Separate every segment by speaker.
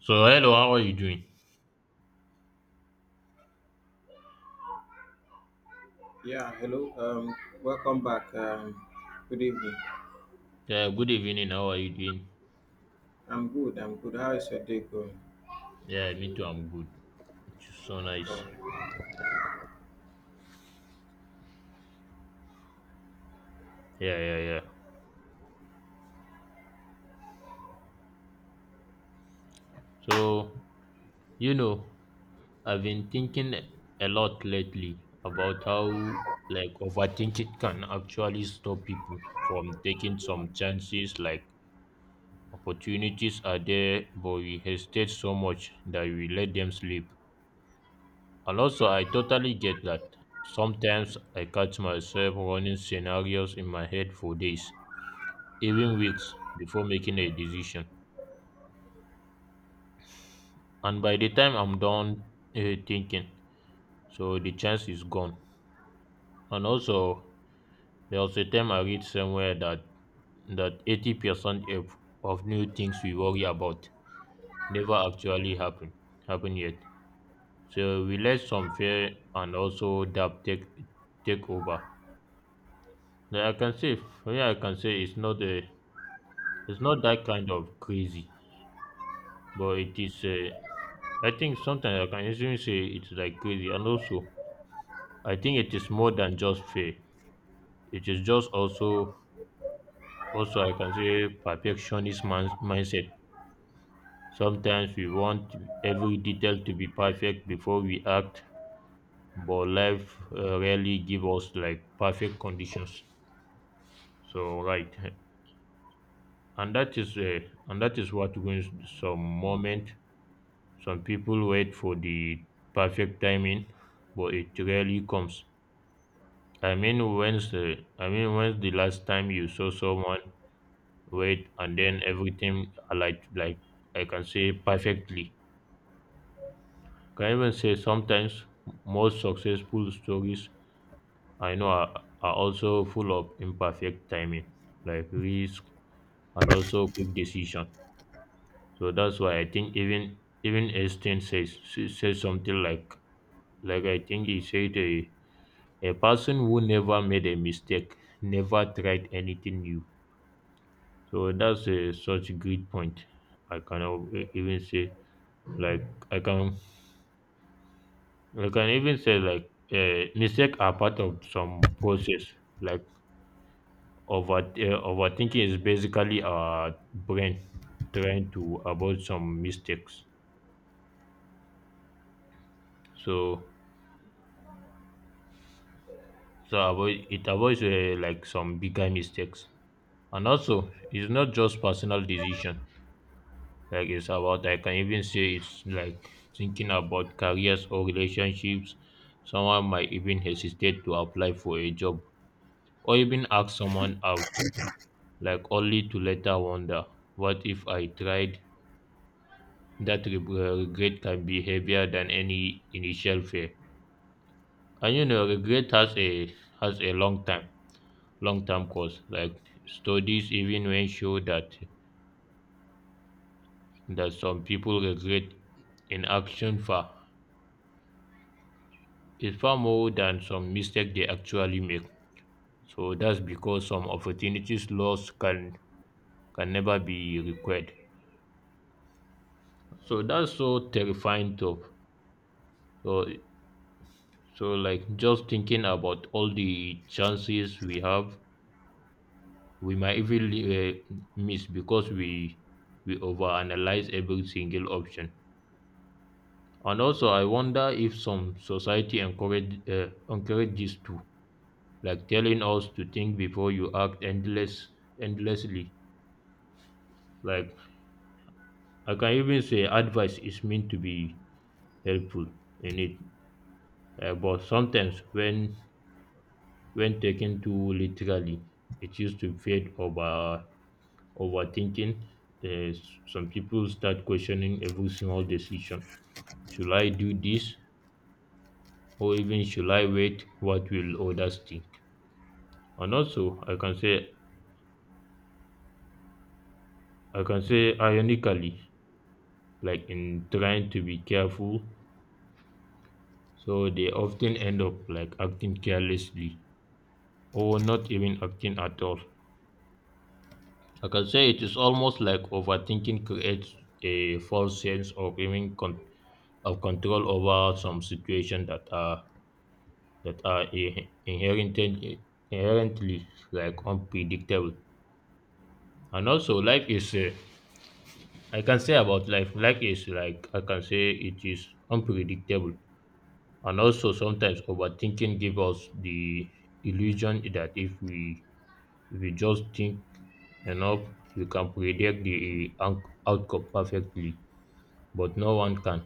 Speaker 1: So hello, how are you doing?
Speaker 2: Yeah, hello. Welcome back. Good evening.
Speaker 1: Yeah, good evening. How are you doing?
Speaker 2: I'm good. I'm good. How is your day going?
Speaker 1: Yeah, me too. I'm good. It's so nice.
Speaker 2: Um,
Speaker 1: Yeah, yeah, yeah. So you know, I've been thinking a lot lately about how like overthinking can actually stop people from taking some chances. Like opportunities are there, but we hesitate so much that we let them slip. And also, I totally get that. Sometimes I catch myself running scenarios in my head for days even weeks before making a decision. And by the time I'm done uh, thinking, so the chance is gone. And also, there was a time I read somewhere that 80% of new things we worry about never actually happen yet. So we let some fear and also doubt take over. Now I can say, for me, I can say it's not that kind of crazy, but it is. I think sometimes I can even say it's like crazy, and also I think it is more than just fear. It is just also I can say perfectionist mindset. Sometimes we want every detail to be perfect before we act, but life rarely give us like perfect conditions. So right, and that is uh, and that is what wins some moment. Some people wait for the perfect timing, but it rarely comes. I mean, when's the last time you saw someone weight, and then everything I like I can say perfectly. Can even say sometimes most successful stories I know are also full of imperfect timing, like risk and also quick decision. So that's why I think even Einstein says something like I think he said a person who never made a mistake never tried anything new. So that's such a great point. I cannot e- even say Like I can even say like mistakes are part of some process. Like overthinking is basically our brain trying to avoid some mistakes. So so avoid it avoids like some bigger mistakes. And also, it's not just personal decision. Like it's about I can even say it's like thinking about careers or relationships. Someone might even hesitate to apply for a job or even ask someone out like only to later wonder, what if I tried? That regret can be heavier than any initial fear. And you know, regret has a long time, long term cost. Like studies even when show that some people regret inaction far is far more than some mistake they actually make. So that's because some opportunities lost can never be required. So that's so terrifying though. So like, just thinking about all the chances we have, we might even miss because we overanalyze every single option. And also, I wonder if some society encourage encourage this too, like telling us to think before you act endlessly. Like, I can even say advice is meant to be helpful in it, but sometimes when taken too literally, it used to fade overthinking, uh, some people start questioning every small decision. Should I do this or even should I wait? What will others think? And also I can say ironically, like in trying to be careful, so they often end up like acting carelessly or not even acting at all. I can say it is almost like overthinking creates a false sense of of control over some situations that are inherently like unpredictable. And also, life is I can say about life, life is like I can say it is unpredictable. And also, sometimes overthinking gives us the illusion that if we just think enough, we can predict the outcome perfectly. But no one can.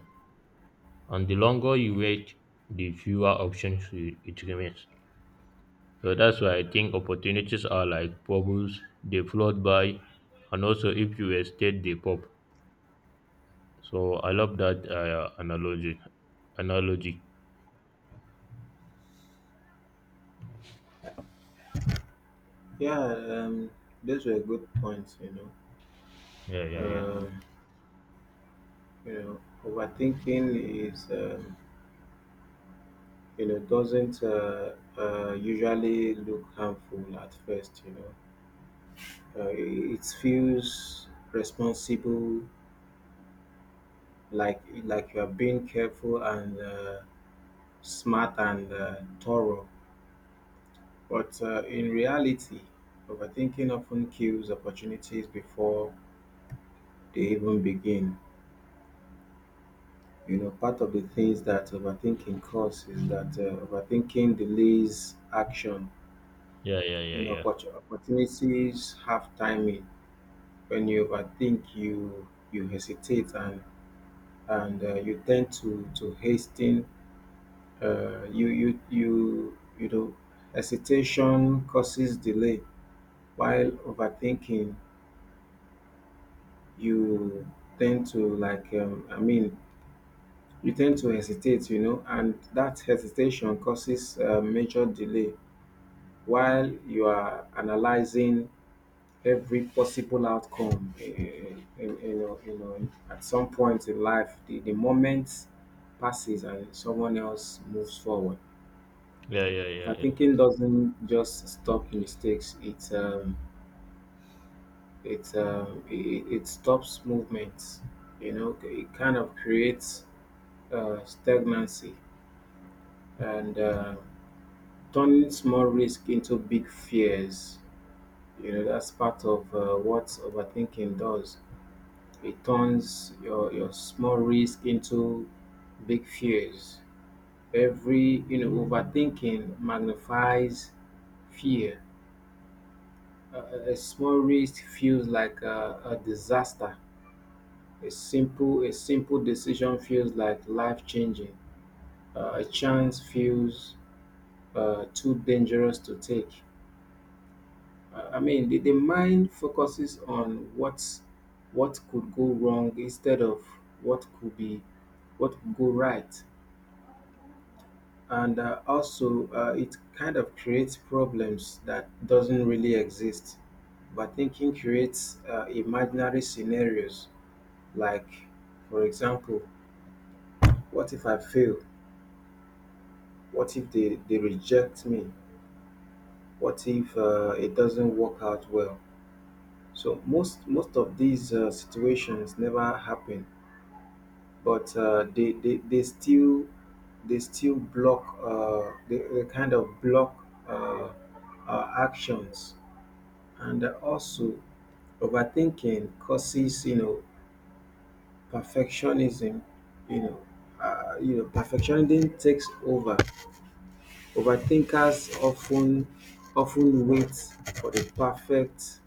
Speaker 1: And the longer you wait, the fewer options it remains. So that's why I think opportunities are like bubbles, they float by, and also if you estate, they pop. So I love that analogy. Analogy.
Speaker 2: yeah. Um, those were good points.
Speaker 1: Yeah,
Speaker 2: know.
Speaker 1: yeah, yeah.
Speaker 2: Um, you know, overthinking is you know doesn't usually look harmful at first. You know, uh, it, it feels responsible, like you are being careful and smart and thorough. But in reality, overthinking often kills opportunities before they even begin. You know, part of the things that overthinking causes is that overthinking delays action.
Speaker 1: Yeah, yeah,
Speaker 2: You
Speaker 1: yeah,
Speaker 2: know,
Speaker 1: yeah.
Speaker 2: opportunities have timing. When you overthink, you hesitate and and you tend to hasten. You know, hesitation causes delay, while overthinking you tend to like you tend to hesitate, you know, and that hesitation causes a major delay while you are analyzing every possible outcome you know at some point in life the moment passes and someone else moves forward.
Speaker 1: Yeah, yeah, yeah,
Speaker 2: Overthinking
Speaker 1: yeah.
Speaker 2: doesn't just stop mistakes, it it stops movements. You know, it kind of creates stagnancy and turning small risk into big fears. You know, that's part of what overthinking does. It turns your small risk into big fears. Overthinking magnifies fear. A small risk feels like a disaster. A simple decision feels like life changing. A chance feels too dangerous to take. I mean, the mind focuses on what could go wrong instead of what could be what could go right, and also it kind of creates problems that doesn't really exist. But thinking creates imaginary scenarios, like, for example, what if I fail? What if they reject me? What if it doesn't work out well? So most of these situations never happen, but they still block they kind of block uh, our actions, and also overthinking causes, you know, perfectionism. You know, perfectionism takes over. Overthinkers often wait for the perfect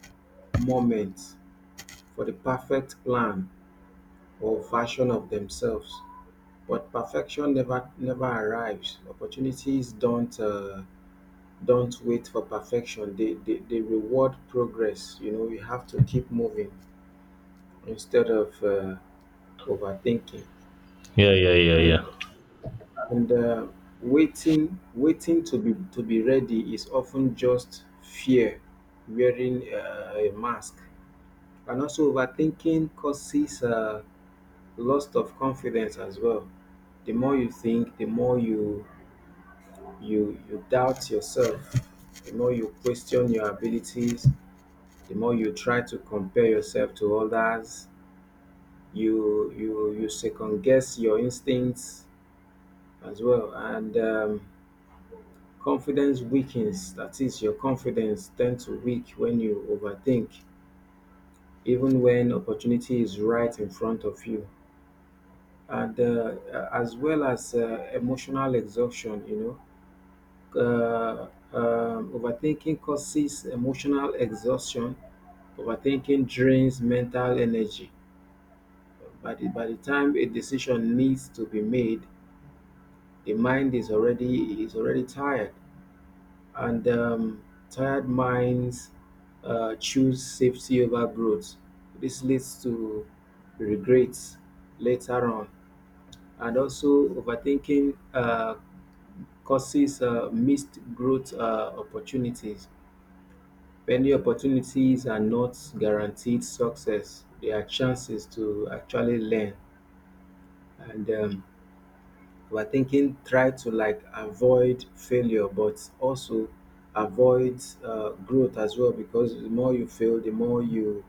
Speaker 2: moment, for the perfect plan or version of themselves. But perfection never arrives. Opportunities don't wait for perfection. They reward progress. You know, you have to keep moving instead of overthinking.
Speaker 1: Yeah, yeah, yeah,
Speaker 2: And
Speaker 1: yeah.
Speaker 2: and waiting to be ready is often just fear wearing a mask. And also overthinking causes loss of confidence as well. The more you think, the more you you you doubt yourself, the more you question your abilities, the more you try to compare yourself to others, you second guess your instincts as well. And confidence weakens, that is, your confidence tends to weak when you overthink, even when opportunity is right in front of you. And as well as emotional exhaustion, you know, uh, overthinking causes emotional exhaustion. Overthinking drains mental energy. By by the time a decision needs to be made, the mind is already tired, and tired minds choose safety over growth. This leads to regrets later on, and also overthinking causes missed growth opportunities. Many opportunities are not guaranteed success; they are chances to actually learn. And we're thinking try to like avoid failure but also avoid growth as well, because the more you fail, the more you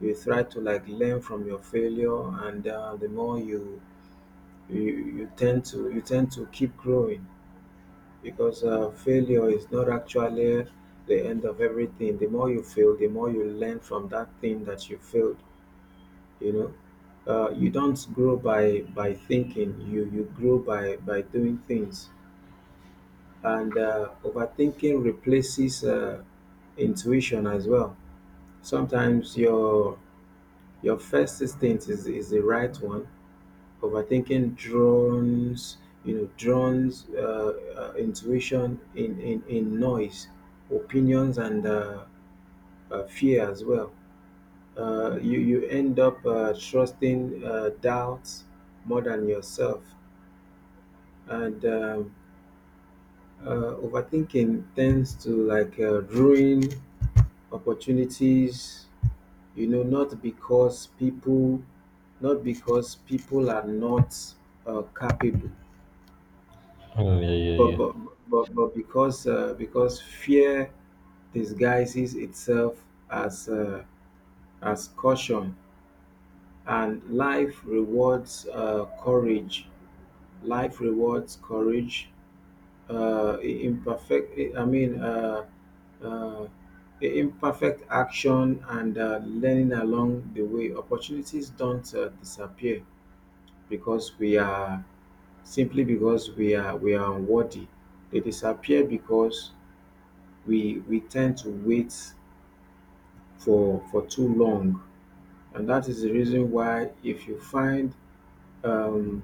Speaker 2: you try to like learn from your failure, and you, you tend to keep growing, because failure is not actually the end of everything. The more you fail, the more you learn from that thing that you failed, you know. You don't grow by thinking, you grow by doing things. And overthinking replaces intuition as well. Sometimes your first instinct is the right one. Overthinking drones, you know, drones intuition in noise, opinions and fear as well. You end up trusting doubts more than yourself, and overthinking tends to like ruin opportunities. You know, not because people are not capable,
Speaker 1: Mm, yeah,
Speaker 2: but
Speaker 1: yeah,
Speaker 2: but because fear disguises itself as caution, and life rewards courage Life rewards courage, uh, i- imperfect. I mean, uh, uh, I- imperfect action and learning along the way. Opportunities don't disappear because we are, simply because we are unworthy. They disappear because we tend to wait for too long, and that is the reason why if you find um,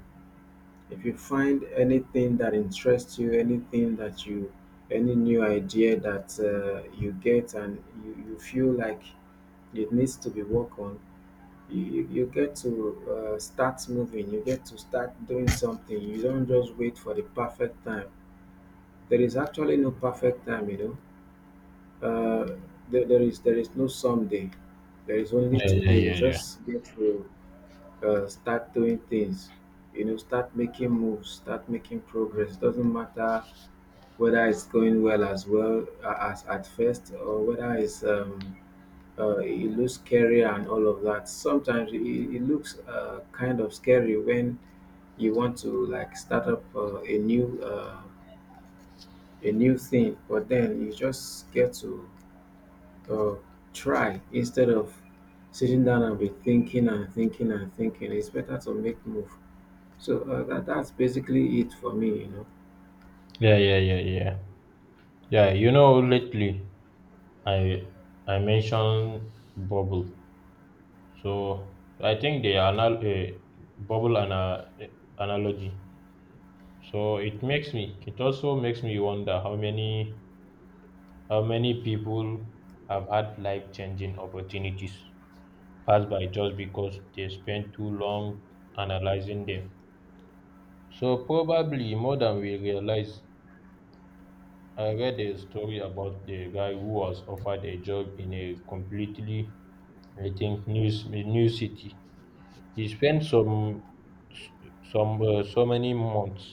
Speaker 2: if you find anything that interests you, anything any new idea that you get, and you feel like it needs to be worked on, you get to start moving, you get to start doing something. You don't just wait for the perfect time. There is actually no perfect time, you know. Uh, there is no someday. There is only
Speaker 1: yeah. Yeah, yeah,
Speaker 2: today. You
Speaker 1: yeah, yeah.
Speaker 2: just get to start doing things, you know, start making moves, start making progress. Doesn't matter whether it's going well as well as at first, or whether it's it looks scary and all of that. Sometimes it looks kind of scary when you want to like start up a new thing, but then you just get to uh, try instead of sitting down and be thinking and thinking and thinking. It's better to make move. So that's basically it for me, you know.
Speaker 1: Yeah, yeah, yeah, yeah. Yeah, you know, lately I I mentioned bubble. So I think the anal bubble and analogy, so it makes me, it also makes me wonder how many people have had life-changing opportunities pass by just because they spent too long analyzing them. So probably more than we realize. I read a story about the guy who was offered a job in a completely, I think, new new city. He spent some so many months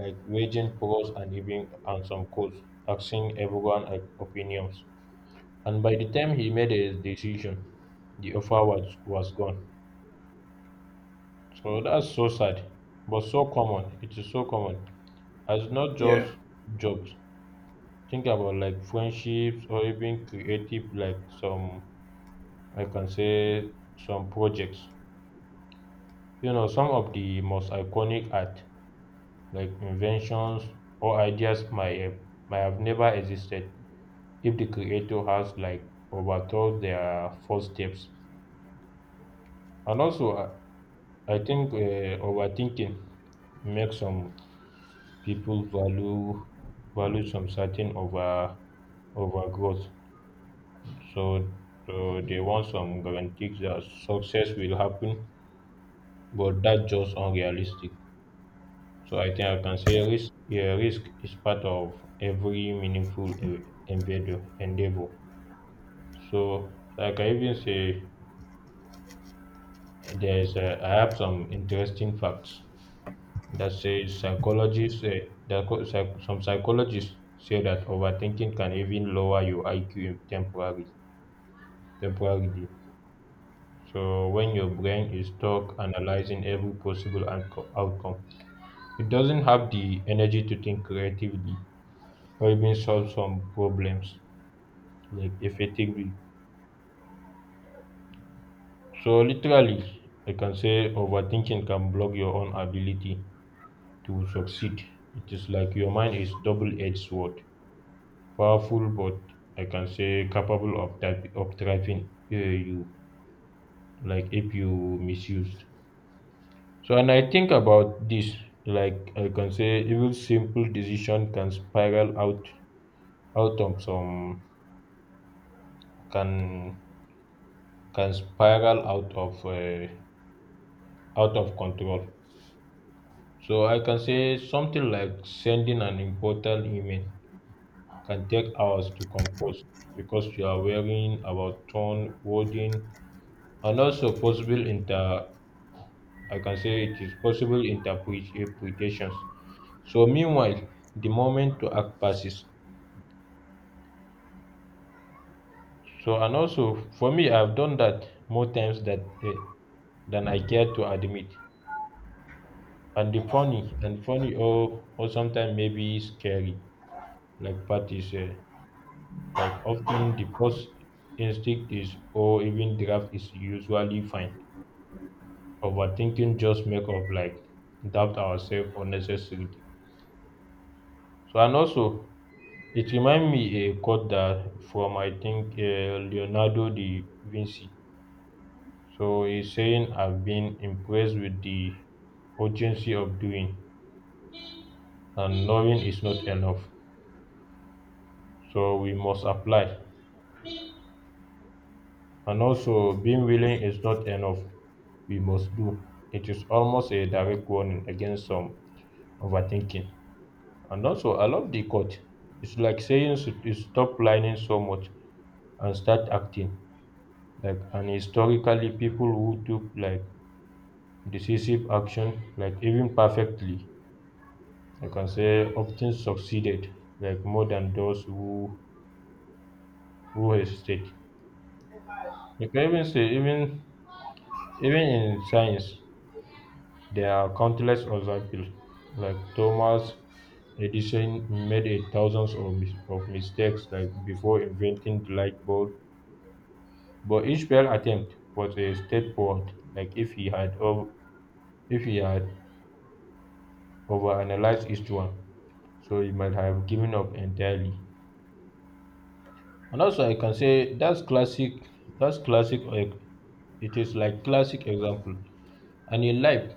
Speaker 1: like waging pros and even and some codes, asking everyone opinions. And by the time he made a decision, was gone. So that's so sad, but so common. It is so common. As not
Speaker 2: Yeah,
Speaker 1: just jobs. Think about like friendships or even creative, like some I can say some projects. You know, some of the most iconic art, like inventions or ideas, might have never existed if the creator has like overthought their first steps. And also, I think overthinking makes some people value some certain overgrowth. So, so they want some guarantees that success will happen, but that's just unrealistic. So I think I can say risk. Yeah, risk is part of every meaningful endeavor. Endeavor. So I can even say, There's I have some interesting facts that says psychologists that co- psych- some psychologists say that overthinking can even lower your IQ temporarily. Temporarily, so when your brain is stuck analyzing every possible outcome, it doesn't have the energy to think creatively or even solve some problems like effectively. So literally, I can say overthinking can block your own ability to succeed. It is like your mind is double-edged sword, powerful but I can say capable of trapping you like if you misused. So and I think about this like I can say even simple decision can spiral out out of some can can spiral out of control. So I can say something like sending an important email can take hours to compose because you are worrying about tone, wording, and also possible inter. I can say it is possible interpretations. So meanwhile, the moment to act passes. So and also for me, I've done that more times that eh, than I care to admit. And the funny and funny or sometimes maybe scary like Pat is like often the first instinct is or even draft is usually fine. Overthinking just make us like doubt ourselves unnecessarily. So and also it remind me a quote that from I think Leonardo da Vinci. So he's saying, I've been impressed with the urgency of doing and knowing is not enough. So we must apply. And also being willing is not enough. We must do. It is almost a direct warning against some overthinking. And also, I love the quote. It's like saying, you stop planning so much and start acting. Like, and historically, people who took like decisive action, like even perfectly, I can say, often succeeded, like more than those who hesitate. You can even say, even in science, there are countless examples. Like Thomas Edison made a thousands of, mistakes, like before inventing the light bulb. But each failed attempt was a step forward, like if he had overanalyzed each one, so he might have given up entirely. And also, I can say that's classic. That's classic. Like, it is like classic example. And in life,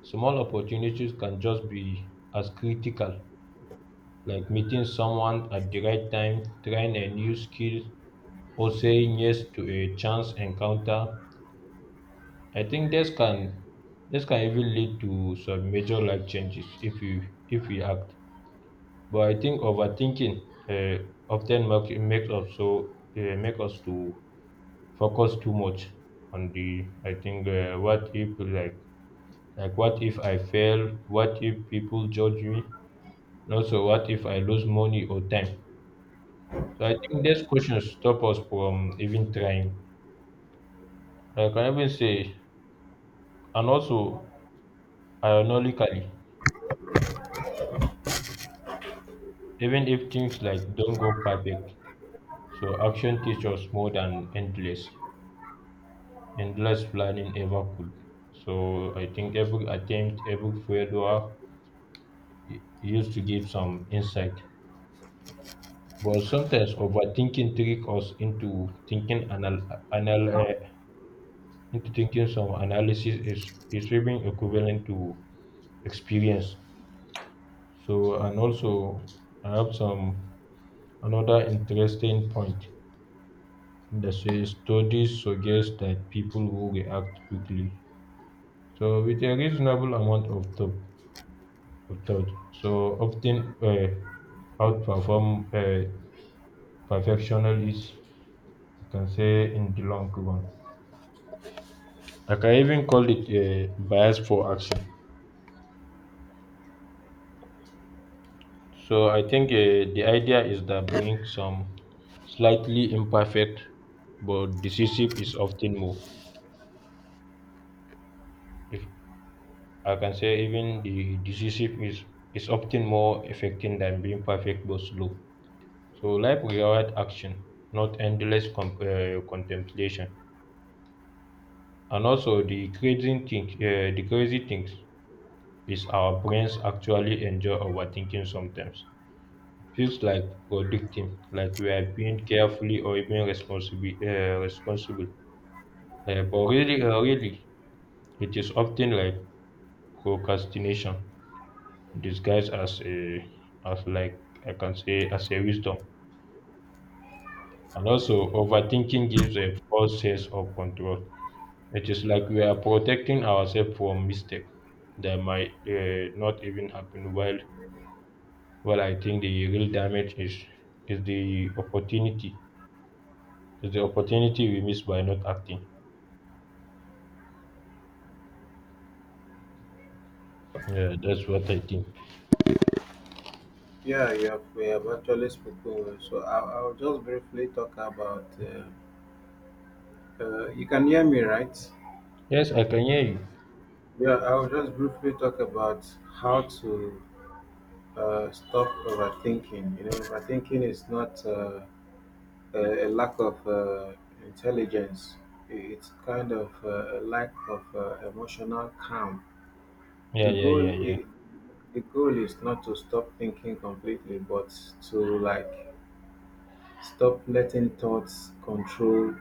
Speaker 1: small opportunities can just be as critical, like meeting someone at the right time, trying a new skill, or saying yes to a chance encounter. I think this can even lead to some major life changes if we act. But I think overthinking uh, often makes makes us so make us to focus too much on the I think what if I fail? What if people judge me? And also what if I lose money or time? So I think these questions stop us from even trying. Like I can even say, and also ironically, even if things like don't go perfect, so action teaches us more than endless planning ever could. So I think every attempt every failure u- used to give some insight, but sometimes overthinking trick us into anal uh, thinking some analysis is even equivalent to experience. So and also I have some another interesting point. The say studies suggest that people who react quickly, so with a reasonable amount of thought so often outperform perfectionists, you can say, in the long run. I can even call it a bias for action. So I think the idea is that being some slightly imperfect but decisive is often more. If I can say even the decisive is often more effective than being perfect but slow. So life rewards action, not endless contemplation. And also the crazy things is our brains actually enjoy overthinking sometimes. It feels like predicting, like we are being carefully or even responsible. Really, it is often like procrastination disguised as like I can say as a wisdom. And also overthinking gives a false sense of control. It is like we are protecting ourselves from mistake that might not even happen. While I think the real damage is the opportunity we miss by not acting. Yeah, that's what I think.
Speaker 2: yeah, you have we have actually spoken well. So I'll just briefly talk about. You can hear me, right?
Speaker 1: Yes, I can hear you.
Speaker 2: Yeah, I'll just briefly talk about how to stop overthinking. You know, overthinking is not a lack of intelligence. It's kind of a lack of emotional calm.
Speaker 1: Yeah,
Speaker 2: The
Speaker 1: yeah,
Speaker 2: goal
Speaker 1: yeah, yeah,
Speaker 2: i- the goal is not to stop thinking completely, but to like stop letting thoughts control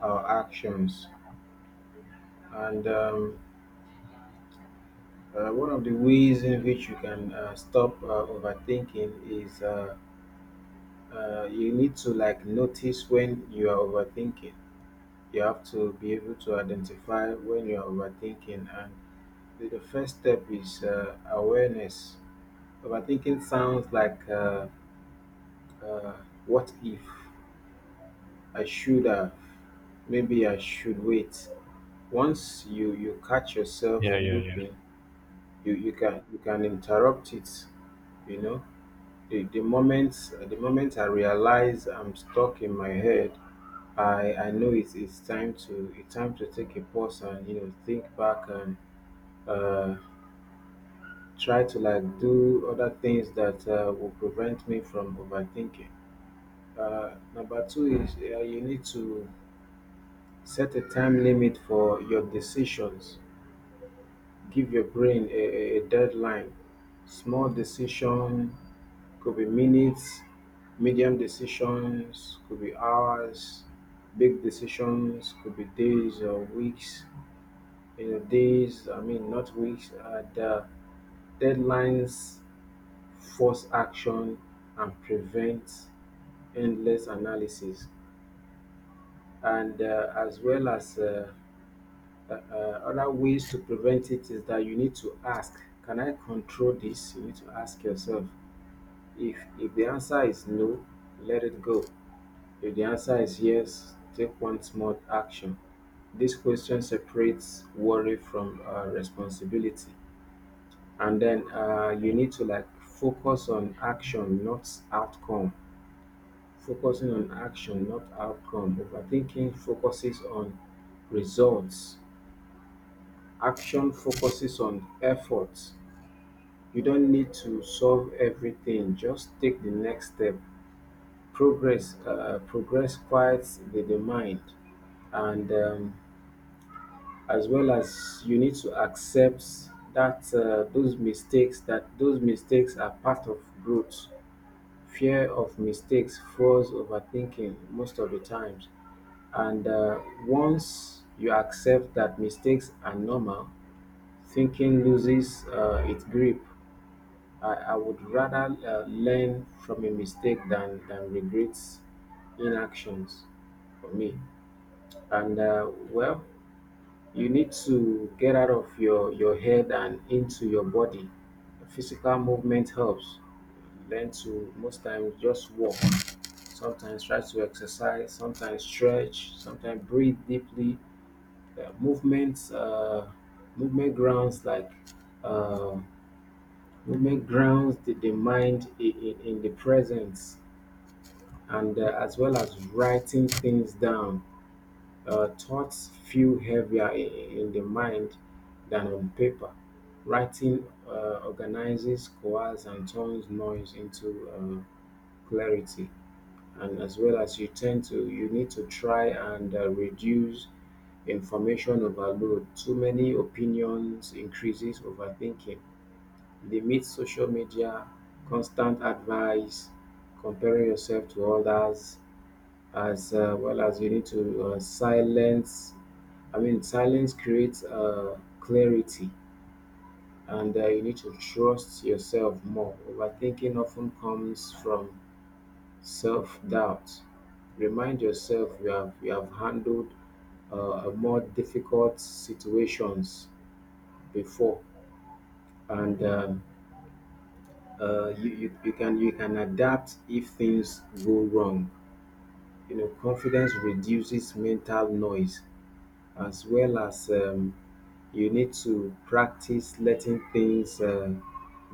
Speaker 2: our actions. And one of the ways in which you can stop overthinking is you need to like notice when you are overthinking. You have to be able to identify when you are overthinking, and the first step is awareness. Overthinking sounds like uh, what if, I should have, maybe I should wait. Once you catch yourself
Speaker 1: yeah, yeah, yeah.
Speaker 2: looping, you can interrupt it, you know. The moment I realize I'm stuck in my head, I know it's time to, it's time to take a pause and, you know, think back and uh try to like do other things that will prevent me from overthinking. Number two is you need to set a time limit for your decisions. Give your brain a deadline. Small decision could be minutes, medium decisions could be hours, big decisions could be days or weeks. You know, days, I mean, not weeks. The deadlines force action and prevent endless analysis. And as well as uh, uh, other ways to prevent it is that you need to ask, can I control this? You need to ask yourself, if the answer is no, let it go. If the answer is yes, take one small action. This question separates worry from responsibility. And then you
Speaker 1: Yeah.
Speaker 2: need to like focus on action, not outcome. Focusing on action, not outcome, overthinking focuses on results. Action focuses on effort. You don't need to solve everything. Just take the next step. Progress, progress quiets the mind. And as well as, you need to accept that those mistakes are part of growth. Fear of mistakes fuels overthinking most of the times, and once you accept that mistakes are normal, thinking loses its grip. I would rather learn from a mistake than regrets inactions for me. And well, you need to get out of your head and into your body. Physical movement helps. Learn to most times just walk. Sometimes try to exercise. Sometimes stretch. Sometimes breathe deeply. Uh, movements, uh, movement grounds, like, uh, women grounds the mind in in the presence, and as well as writing things down. Thoughts feel heavier in the mind than on paper. Writing organizes, coalesces, and turns noise into clarity. And as well as, you tend to, you need to try and reduce information overload. Too many opinions increases overthinking. They made social media, constant advice, comparing yourself to others. As well as, you need to silence, I mean silence creates clarity. And you need to trust yourself more. Overthinking often comes from self-doubt. Remind yourself you have, you have handled more difficult situations before, and you can, you can adapt if things go wrong, you know. Confidence reduces mental noise, as well as, you need to practice letting things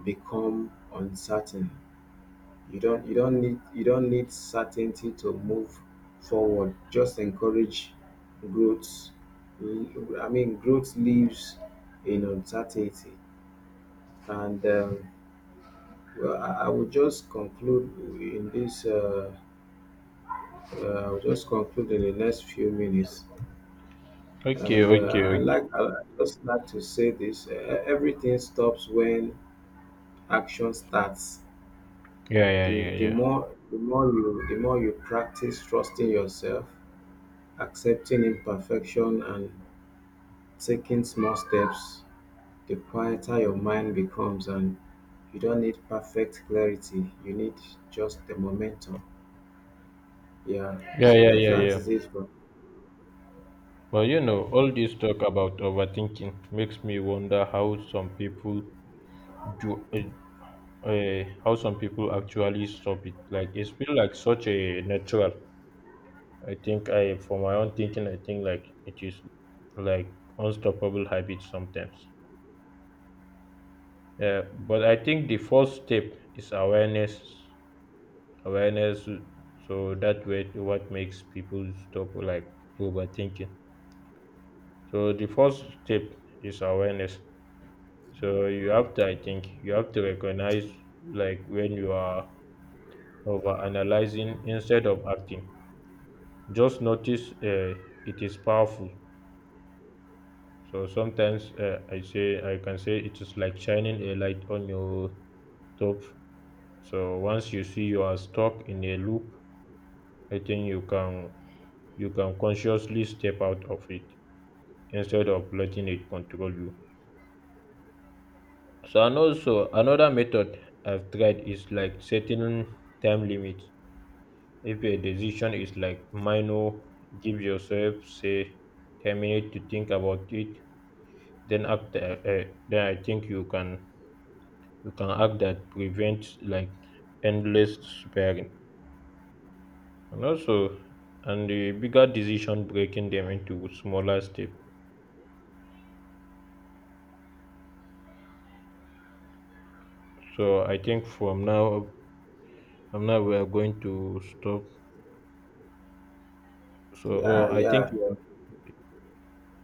Speaker 2: become uncertain. You don't, you don't need certainty to move forward, just encourage growth. I mean, growth lives in uncertainty. And well, I will just conclude in this I'll just conclude in the next few minutes.
Speaker 1: Okay,
Speaker 2: And
Speaker 1: okay,
Speaker 2: I
Speaker 1: okay.
Speaker 2: like, just like to say this: everything stops when action starts.
Speaker 1: Yeah, yeah, yeah,
Speaker 2: The the
Speaker 1: yeah.
Speaker 2: more the more you the more you practice trusting yourself, accepting imperfection, and taking small steps, the quieter your mind becomes, and you don't need perfect clarity. You need just the momentum. Yeah.
Speaker 1: Yeah,
Speaker 2: So
Speaker 1: yeah, yeah,
Speaker 2: that
Speaker 1: yeah.
Speaker 2: is it. For,
Speaker 1: But you know, all this talk about overthinking makes me wonder how some people do, uh, how some people actually stop it. Like it's feel like such a natural. I think for my own thinking, I think like it is like unstoppable habit sometimes. Yeah, but I think the first step is awareness. Awareness, so that way, what makes people stop like overthinking. So the first step is awareness. So you have to, I think, you have to recognize like when you are over analyzing instead of acting. Just notice it is powerful. So sometimes I can say it is like shining a light on your top. So once you see you are stuck in a loop, I think you can consciously step out of it instead of letting it control you. So and also another method I've tried is like setting time limits. If a decision is like minor, give yourself say 10 minutes to think about it. Then act. Then I think you can act that prevents like endless sparing. And also, and the bigger decision breaking them into smaller step. So I think from now we are going to stop. So oh,
Speaker 2: yeah.
Speaker 1: I think
Speaker 2: Yeah.
Speaker 1: you have,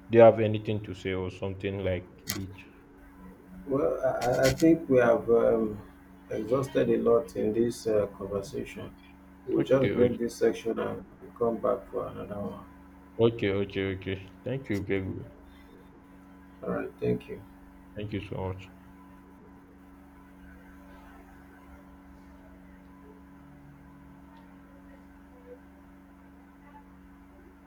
Speaker 1: do you have anything to say or something like this?
Speaker 2: Well, I think we have exhausted a lot in this conversation. We'll
Speaker 1: Okay,
Speaker 2: just break
Speaker 1: okay,
Speaker 2: this section and come back for another one.
Speaker 1: okay, okay, okay. Thank you, baby.
Speaker 2: All right, thank you.
Speaker 1: Thank you so much.